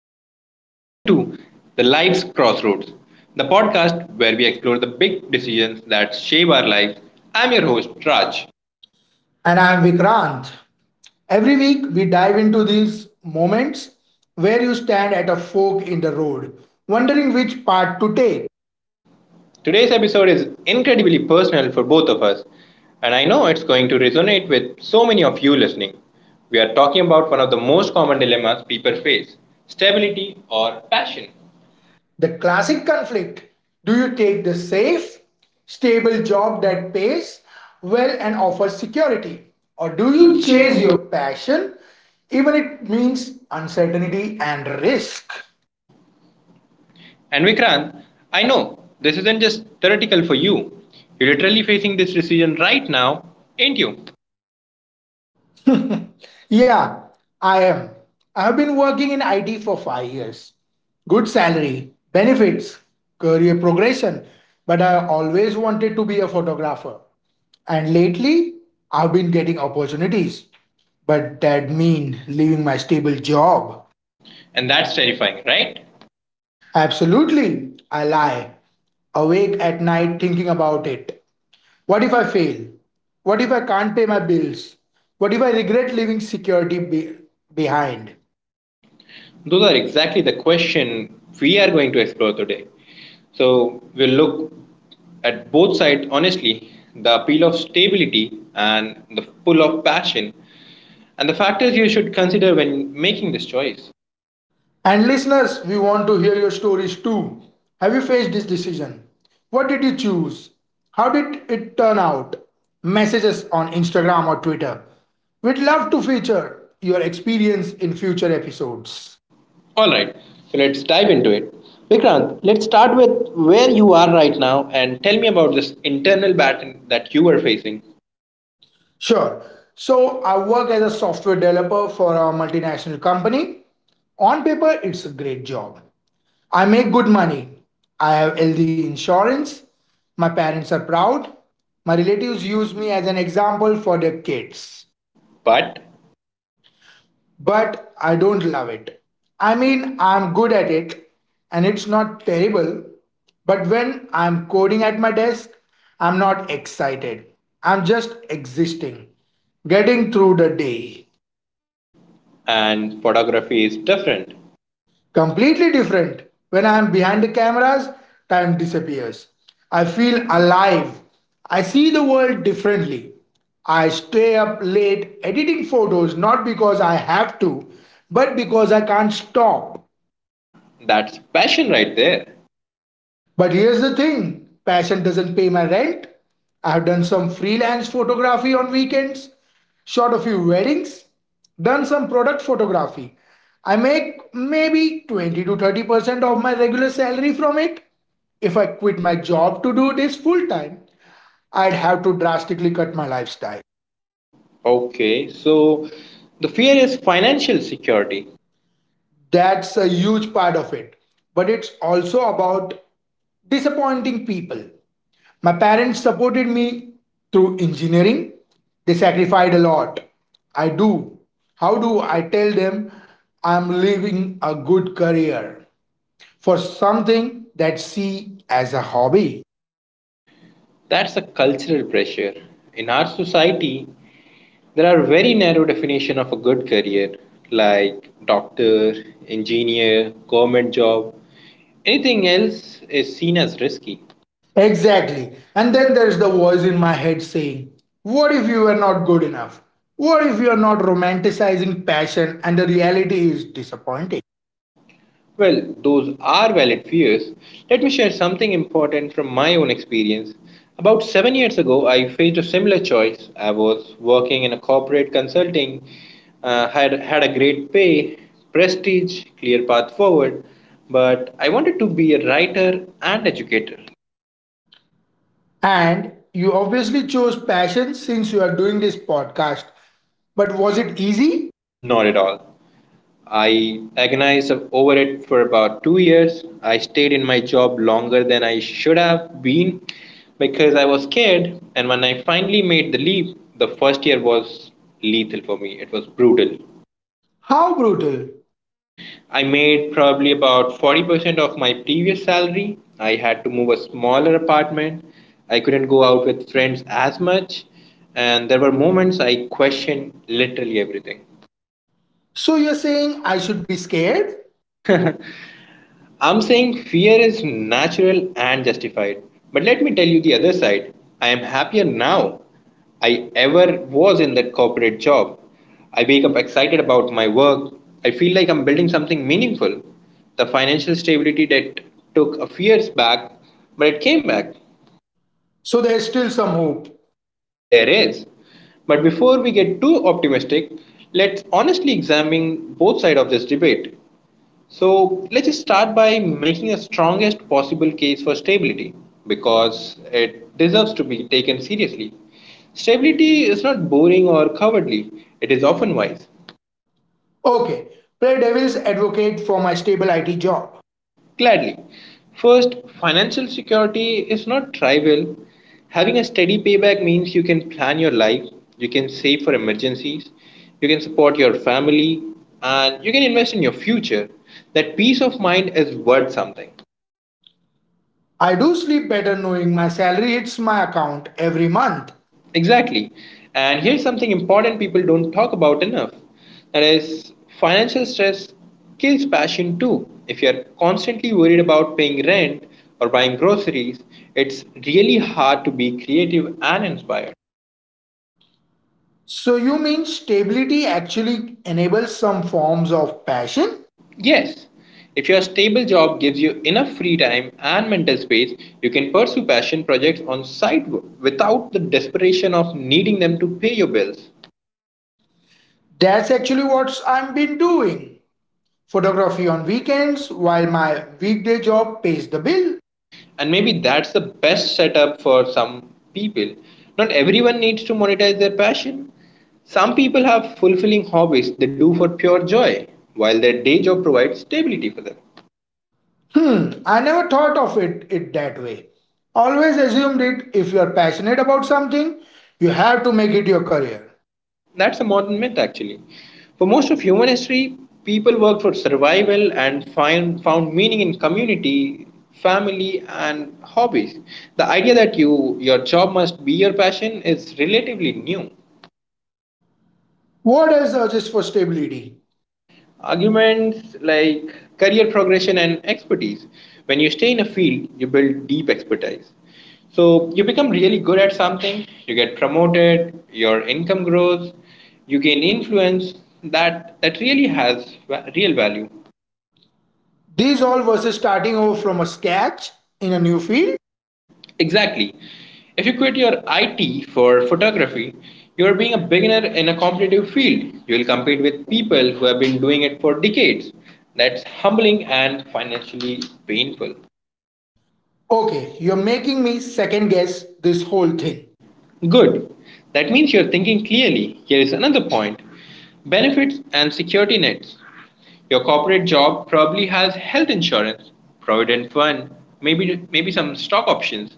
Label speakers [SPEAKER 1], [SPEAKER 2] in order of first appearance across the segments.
[SPEAKER 1] Hello, and welcome to The Life's Crossroads, the podcast where we explore the big decisions that shape our lives. I'm your host, Raj.
[SPEAKER 2] And I'm Vikrant. Every week, we dive into these moments where you stand at a fork in the road, wondering which path to take.
[SPEAKER 1] Today's episode is incredibly personal for both of us, and I know it's going to resonate with so many of you listening. We are talking about one of the most common dilemmas people face: stability or passion.
[SPEAKER 2] The classic conflict, do you take the safe, stable job that pays well and offers security? Or do you chase your passion, even if it means uncertainty and risk?
[SPEAKER 1] And Vikrant, I know this isn't just theoretical for you. You're literally facing this decision right now, ain't you?
[SPEAKER 2] Yeah, I am. I have been working in IT for 5 years. Good salary, benefits, career progression, but I always wanted to be a photographer. And lately, I've been getting opportunities. But that mean leaving my stable job.
[SPEAKER 1] And that's terrifying, right?
[SPEAKER 2] Absolutely, I lie awake at night thinking about it. What if I fail? What if I can't pay my bills? What if I regret leaving security behind?
[SPEAKER 1] Those are exactly the question we are going to explore today. So we'll look at both sides honestly, the appeal of stability and the pull of passion, and the factors you should consider when making this choice.
[SPEAKER 2] And listeners, we want to hear your stories too. Have you faced this decision? What did you choose? How did it turn out? Message us on Instagram or Twitter. We'd love to feature your experience in future episodes.
[SPEAKER 1] All right, so let's dive into it. Vikrant, let's start with where you are right now and tell me about this internal battle that you were facing.
[SPEAKER 2] Sure. So I work as a software developer for a multinational company. On paper, it's a great job. I make good money. I have healthy insurance. My parents are proud. My relatives use me as an example for their kids.
[SPEAKER 1] But
[SPEAKER 2] But I don't love it. I mean, I'm good at it and it's not terrible. But when I'm coding at my desk, I'm not excited. I'm just existing, getting through the day.
[SPEAKER 1] and photography is different.
[SPEAKER 2] Completely different. When I am behind the cameras, time disappears. I feel alive. I see the world differently. I stay up late editing photos not because I have to, but because I can't stop.
[SPEAKER 1] That's passion right there.
[SPEAKER 2] But here's the thing, passion doesn't pay my rent. I've done some freelance photography on weekends, shot a few weddings, done some product photography. I make maybe 20 to 30% of my regular salary from it. If I quit my job to do this full time, I'd have to drastically cut my lifestyle.
[SPEAKER 1] Okay, so the fear is financial security.
[SPEAKER 2] That's a huge part of it. But it's also about disappointing people. My parents supported me through engineering. They sacrificed a lot. I do. How do I tell them I'm living a good career for something that see as a hobby?
[SPEAKER 1] That's a cultural pressure. In our society, there are very narrow definition of a good career like doctor, engineer, government job. Anything else is seen as risky.
[SPEAKER 2] Exactly. And then there's the voice in my head saying, what if you are not good enough? What if you are not romanticizing passion and the reality is disappointing?
[SPEAKER 1] Well, those are valid fears. Let me share something important from my own experience. About 7 years ago, I faced a similar choice. I was working in a corporate consulting, had a great pay, prestige, clear path forward, but I wanted to be a writer and educator.
[SPEAKER 2] And you obviously chose passion since you are doing this podcast. But was it easy?
[SPEAKER 1] Not at all. I agonized over it for about 2 years. I stayed in my job longer than I should have been because I was scared. And when I finally made the leap, the first year was lethal for me. It was brutal.
[SPEAKER 2] How brutal?
[SPEAKER 1] I made probably about 40% of my previous salary. I had to move a smaller apartment. I couldn't go out with friends as much. And there were moments I questioned literally everything.
[SPEAKER 2] So you're saying I should be scared?
[SPEAKER 1] I'm saying fear is natural and justified. But let me tell you the other side. I am happier now I ever was in that corporate job. I wake up excited about my work. I feel like I'm building something meaningful. The financial stability that took a few years back, but it came back.
[SPEAKER 2] So there's still some hope.
[SPEAKER 1] There is. But before we get too optimistic, let's honestly examine both sides of this debate. So let's just start by making the strongest possible case for stability because it deserves to be taken seriously. Stability is not boring or cowardly, it is often wise.
[SPEAKER 2] Okay, play devil's advocate for my stable IT job.
[SPEAKER 1] Gladly. First, financial security is not trivial. Having a steady payback means you can plan your life, you can save for emergencies, you can support your family, and you can invest in your future. That peace of mind is worth something.
[SPEAKER 2] I do sleep better knowing my salary hits my account every month.
[SPEAKER 1] Exactly. And here's something important people don't talk about enough. That is, financial stress kills passion too. If you're constantly worried about paying rent or buying groceries, it's really hard to be creative and inspired.
[SPEAKER 2] So you mean stability actually enables some forms of passion?
[SPEAKER 1] Yes, if your stable job gives you enough free time and mental space, you can pursue passion projects on site without the desperation of needing them to pay your bills.
[SPEAKER 2] That's actually what I've been doing. Photography on weekends while my weekday job pays the bill.
[SPEAKER 1] And maybe that's the best setup for some people. Not everyone needs to monetize their passion. Some people have fulfilling hobbies they do for pure joy while their day job provides stability for them.
[SPEAKER 2] Hmm, I never thought of it that way. Always assumed it, if you are passionate about something, you have to make it your career.
[SPEAKER 1] That's a modern myth actually. For most of human history, people worked for survival and found meaning in community, family and hobbies. The idea that you your job must be your passion is relatively new.
[SPEAKER 2] What else urges for stability?
[SPEAKER 1] Arguments like career progression and expertise. When you stay in a field, you build deep expertise. So you become really good at something, you get promoted, your income grows, you gain influence. That real value.
[SPEAKER 2] These all versus starting over from a scratch in a new field?
[SPEAKER 1] Exactly. If you quit your IT for photography, you are being a beginner in a competitive field. You will compete with people who have been doing it for decades. That's humbling and financially painful.
[SPEAKER 2] Okay, you're making me second guess this whole thing.
[SPEAKER 1] Good. That means you're thinking clearly. Here is another point: benefits and security nets. Your corporate job probably has health insurance, provident fund, maybe some stock options.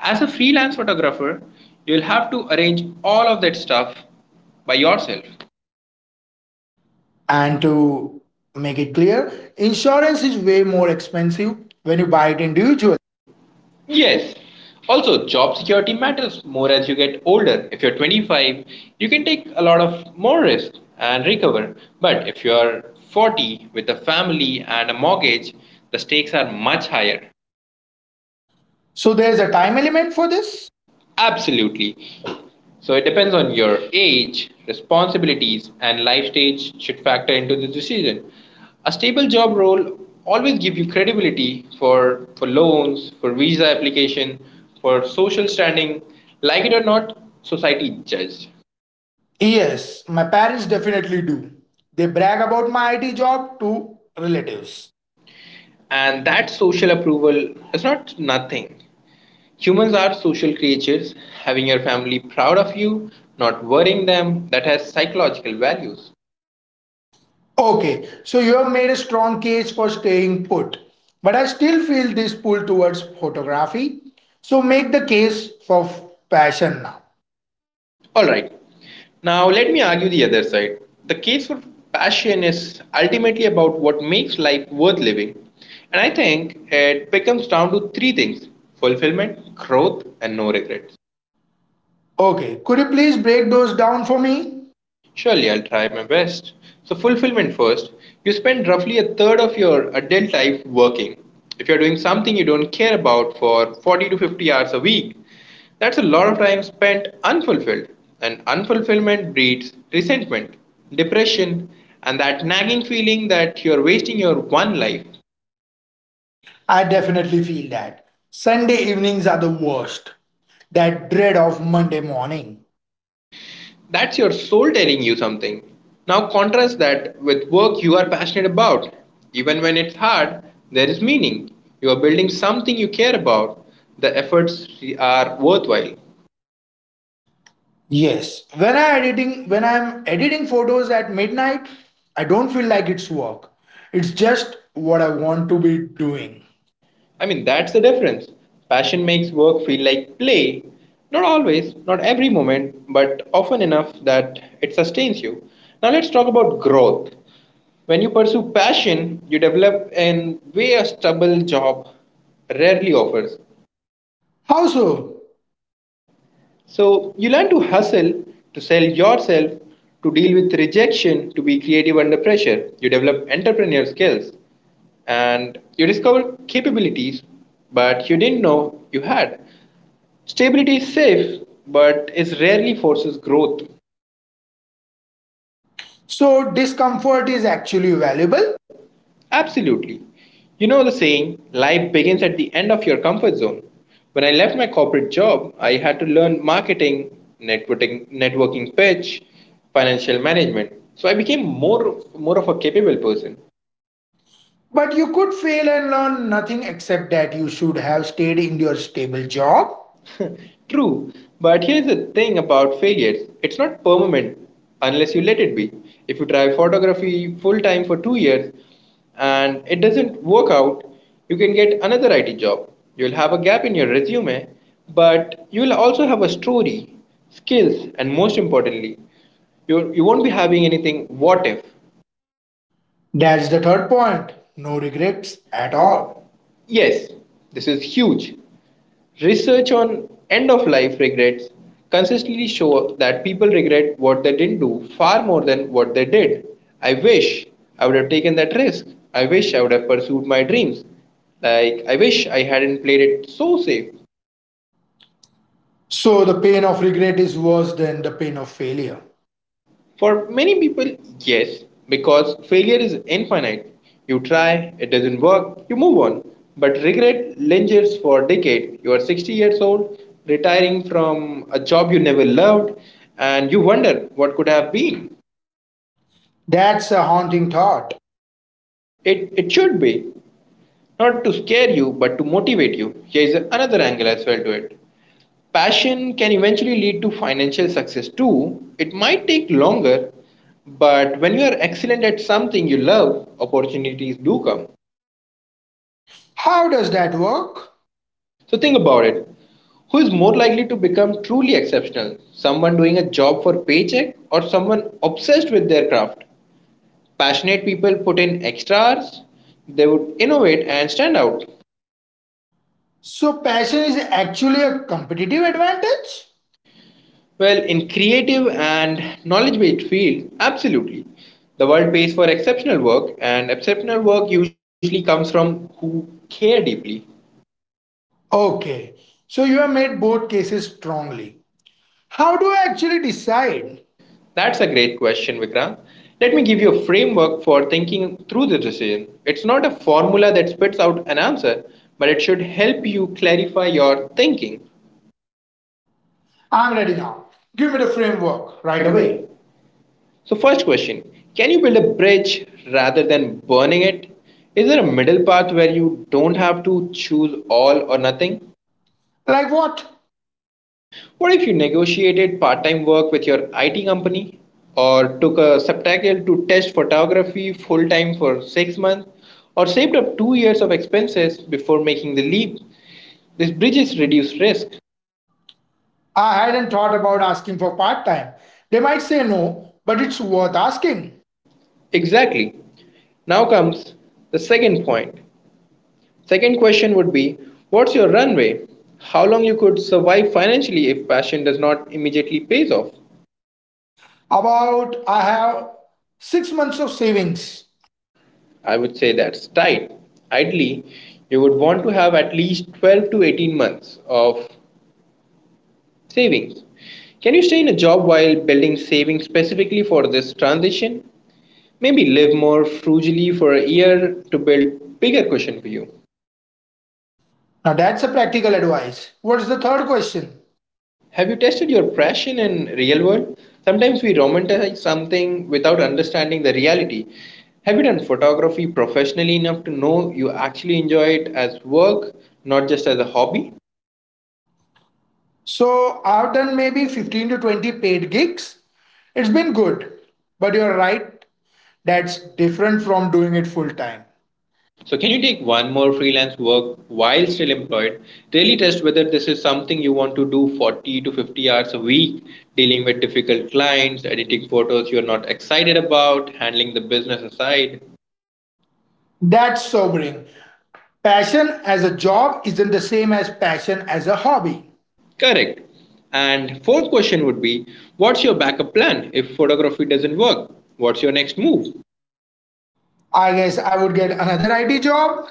[SPEAKER 1] As a freelance photographer, you'll have to arrange all of that stuff by yourself.
[SPEAKER 2] And to make it clear, insurance is way more expensive when you buy it individually.
[SPEAKER 1] Yes. Also, job security matters more as you get older. If you're 25, you can take a lot of more risk and recover. But if you're 40 with a family and a mortgage, the stakes are much higher.
[SPEAKER 2] So there's a time element for this?
[SPEAKER 1] Absolutely. So it depends on your age, responsibilities, and life stage should factor into this decision. A stable job role always give you credibility for loans, for visa application, for social standing. Like it or not, society judges.
[SPEAKER 2] Yes, my parents definitely do. They brag about my IT job to relatives.
[SPEAKER 1] And that social approval is not nothing. Humans are social creatures. Having your family proud of you, not worrying them, that has psychological values.
[SPEAKER 2] Okay, so you have made a strong case for staying put, but I still feel this pull towards photography. So make the case for passion now.
[SPEAKER 1] All right. Now, let me argue the other side. The case for passion is ultimately about what makes life worth living. And I think it becomes down to three things: fulfillment, growth, and no regrets.
[SPEAKER 2] Okay, could you please break those down for me?
[SPEAKER 1] Surely I'll try my best. So, fulfillment first. You spend roughly a third of your adult life working. If you're doing something you don't care about for 40 to 50 hours a week, that's a lot of time spent unfulfilled. And unfulfillment breeds resentment, depression, and that nagging feeling that you're wasting your one life.
[SPEAKER 2] I definitely feel that. Sunday evenings are the worst. That dread of Monday morning.
[SPEAKER 1] That's your soul telling you something. Now contrast that with work you are passionate about. Even when it's hard, there is meaning. You are building something you care about. The efforts are worthwhile.
[SPEAKER 2] Yes. When I'm editing photos at midnight, I don't feel like it's work. It's just what I want to be doing.
[SPEAKER 1] I mean, that's the difference. Passion makes work feel like play. Not always, not every moment, but often enough that it sustains you. Now let's talk about growth. When you pursue passion, you develop in way a stable job rarely offers.
[SPEAKER 2] How so?
[SPEAKER 1] So you learn to hustle, to sell yourself, to deal with rejection, to be creative under pressure. You develop entrepreneurial skills and you discover capabilities but you didn't know you had. Stability is safe but it rarely forces growth.
[SPEAKER 2] So discomfort is actually valuable,
[SPEAKER 1] Absolutely. You know the saying, life begins at the end of your comfort zone. When I left my corporate job, I had to learn marketing, networking, networking pitch, financial management. So I became more of a capable person.
[SPEAKER 2] but you could fail and learn nothing except that you should have stayed in your stable job.
[SPEAKER 1] True, but here's the thing about failures: it's not permanent unless you let it be. If you try photography full time for 2 years and it doesn't work out, you can get another IT job. You'll have a gap in your resume, but you'll also have a story, skills, and most importantly, you won't be having anything what if
[SPEAKER 2] That's the third point. No regrets at
[SPEAKER 1] at
[SPEAKER 2] all.
[SPEAKER 1] all. Yes, this is huge. Research on end of life regrets consistently show that people regret what they didn't do far more than what they did. I wish I would have taken that risk. I wish I would have pursued my dreams. Like, I wish I hadn't played it so safe.
[SPEAKER 2] So the pain of regret is worse than the pain of failure.
[SPEAKER 1] For many people, yes, because failure is infinite. You try, it doesn't work, you move on. But regret lingers for decades. You are 60 years old, retiring from a job you never loved, and you wonder what could have been.
[SPEAKER 2] That's a haunting thought.
[SPEAKER 1] It should be, not to scare you, but to motivate you. Here is another angle as well to it. Passion can eventually lead to financial success too. It might take longer, but when you are excellent at something you love, opportunities do come.
[SPEAKER 2] How does that work?
[SPEAKER 1] So think about it. Who is more likely to become truly exceptional? Someone doing a job for paycheck or someone obsessed with their craft? Passionate people put in extra hours, they would innovate and stand out.
[SPEAKER 2] So, passion is actually a competitive advantage?
[SPEAKER 1] Well, in creative and knowledge based fields, absolutely. The world pays for exceptional work, and exceptional work usually comes from who care deeply.
[SPEAKER 2] Okay, so you have made both cases strongly. How do I actually decide?
[SPEAKER 1] That's a great question, Vikrant. Let me give you a framework for thinking through the decision. It's not a formula that spits out an answer, but it should help you clarify your thinking.
[SPEAKER 2] I'm ready now. Give me the framework right
[SPEAKER 1] Right
[SPEAKER 2] away.
[SPEAKER 1] away. So, first question: can you build a bridge rather than burning it? Is there a middle path where you don't have to choose all or nothing?
[SPEAKER 2] Like what?
[SPEAKER 1] What if you negotiated part time work with your IT company or took a sabbatical to test photography full time for 6 months or saved up 2 years of expenses before making the leap? This bridges reduced risk.
[SPEAKER 2] I hadn't thought about asking for part time. They might say no, but it's worth asking.
[SPEAKER 1] Exactly. Now comes the second point. Second question would be: what's your runway? How long you could survive financially if passion does not immediately pays off?
[SPEAKER 2] About, I have 6 months of savings.
[SPEAKER 1] I would say that's tight. Ideally, you would want to have at least 12 to 18 months of savings. Can you stay in a job while building savings specifically for this transition? Maybe live more frugally for a year to build bigger cushion for you.
[SPEAKER 2] Now that's a practical advice. What's the third question?
[SPEAKER 1] Have you tested your passion in real world? Sometimes we romanticize something without understanding the reality. Have you done photography professionally enough to know you actually enjoy it as work, not just as a hobby?
[SPEAKER 2] So I've done maybe 15 to 20 paid gigs. It's been good, but you're right, that's different from doing it full time.
[SPEAKER 1] So, can you take one more freelance work while still employed? Really test whether this is something you want to do 40 to 50 hours a week, dealing with difficult clients, editing photos you're not excited about, handling the business aside.
[SPEAKER 2] That's sobering. Passion as a job isn't the same as passion as a hobby.
[SPEAKER 1] Correct. And fourth question would be, what's your backup plan if photography doesn't work? What's your next move?
[SPEAKER 2] I guess I would get another IT job.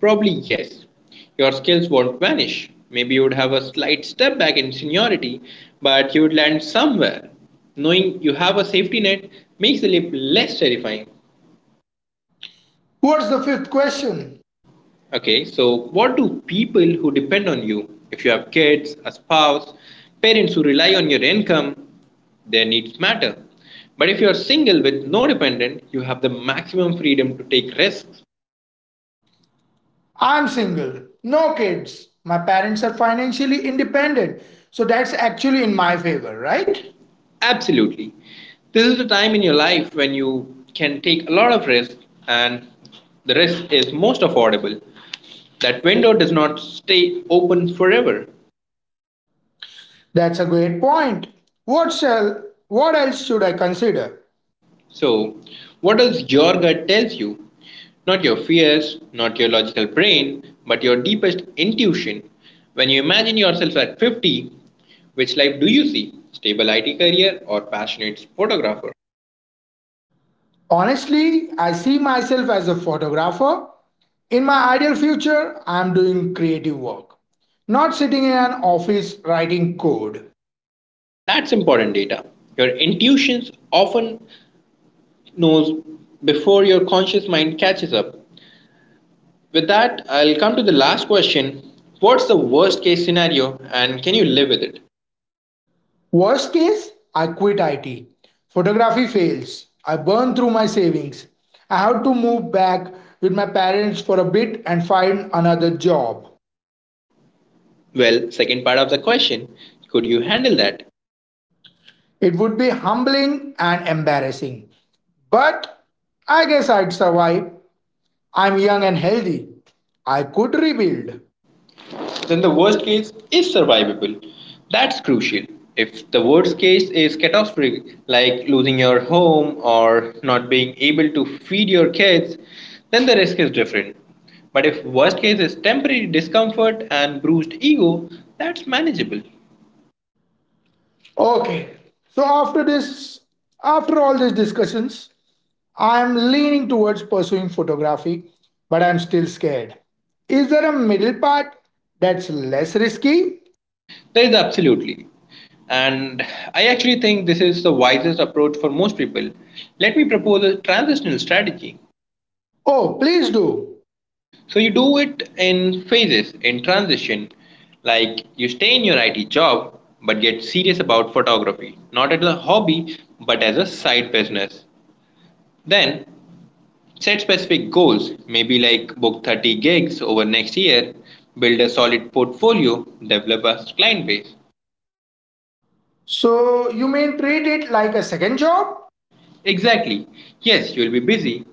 [SPEAKER 1] Probably yes. Your skills won't vanish. Maybe you would have a slight step back in seniority, but you would land somewhere. Knowing you have a safety net makes the leap less terrifying.
[SPEAKER 2] What's the fifth question?
[SPEAKER 1] Okay, so what do people who depend on you, if you have kids, a spouse, parents who rely on your income, their needs matter. But if you are single with no dependent, you have the maximum freedom to take risks,
[SPEAKER 2] I'm single, no kids. My parents are financially independent, so that's actually in my favor, right?
[SPEAKER 1] right? Absolutely. This is the time in your life when you can take a lot of risk and the risk is most affordable. That window does not stay open forever.
[SPEAKER 2] That's a great point. What shall, what else should I consider?
[SPEAKER 1] So, what else your gut tells you? Not your fears, not your logical brain, but your deepest intuition. When you imagine yourself at 50, which life do you see? Stable IT career or passionate photographer?
[SPEAKER 2] Honestly, I see myself as a photographer. In my ideal future, I am doing creative work, not sitting in an office writing code.
[SPEAKER 1] That's important data. Your intuitions often knows before your conscious mind catches up. With that, I'll come to the last question. What's the worst case scenario and can you live with it?
[SPEAKER 2] Worst case, I quit IT. Photography fails. I burn through my savings. I have to move back with my parents for a bit and find another job.
[SPEAKER 1] Well, second part of the question, could you handle that?
[SPEAKER 2] It would be humbling and embarrassing. But I guess I'd survive. I'm young and healthy. I could rebuild.
[SPEAKER 1] Then the worst case is survivable. That's crucial. If the worst case is catastrophic, like losing your home or not being able to feed your kids, then the risk is different. But if worst case is temporary discomfort and bruised ego, that's manageable.
[SPEAKER 2] Okay. So after this, after all these discussions, I am leaning towards pursuing photography, but I'm still scared. Is there a middle part that's less risky?
[SPEAKER 1] That is absolutely. And I actually think this is the wisest approach for most people. Let me propose a transitional strategy.
[SPEAKER 2] Oh, please do.
[SPEAKER 1] So you do it in phases, in transition. Like you stay in your IT job, but get serious about photography, not as a hobby, but as a side business. Then set specific goals, maybe like book 30 gigs over next year, build a solid portfolio, develop a client base.
[SPEAKER 2] So you mean treat it like a second job?
[SPEAKER 1] Exactly. Yes, you'll be busy,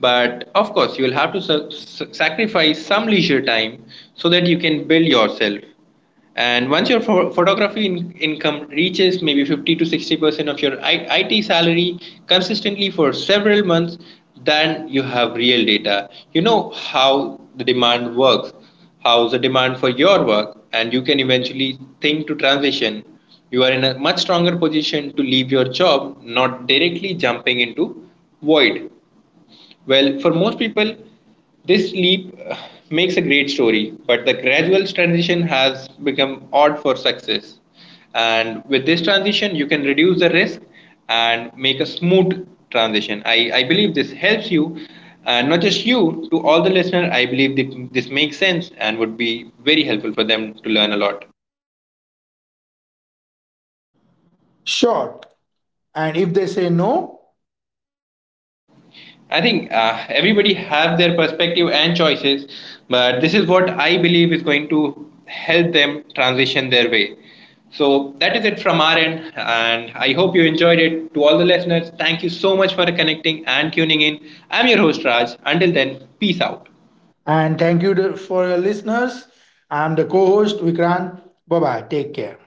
[SPEAKER 1] but of course, you'll have to sacrifice some leisure time so that you can build yourself. And once your photography income reaches maybe 50 to 60% of your IT salary consistently for several months, then you have real data. You know how the demand works, how's the demand for your work, and you can eventually think to transition. You are in a much stronger position to leave your job, not directly jumping into void. Well, for most people, this leap makes a great story, but the gradual transition has become odd for success. And with this transition, you can reduce the risk and make a smooth transition. I believe this helps you, and not just you, to all the listeners. I believe that this makes sense and would be very helpful for them to learn a lot.
[SPEAKER 2] Sure. And if they say no,
[SPEAKER 1] I think everybody have their perspective and choices, but this is what I believe is going to help them transition their way. So that is it from our end, and I hope you enjoyed it. To all the listeners, thank you so much for connecting and tuning in. I'm your host Raj. Until then, peace out.
[SPEAKER 2] and thank you for your listeners. I'm the co-host Vikrant. Bye bye. Take care.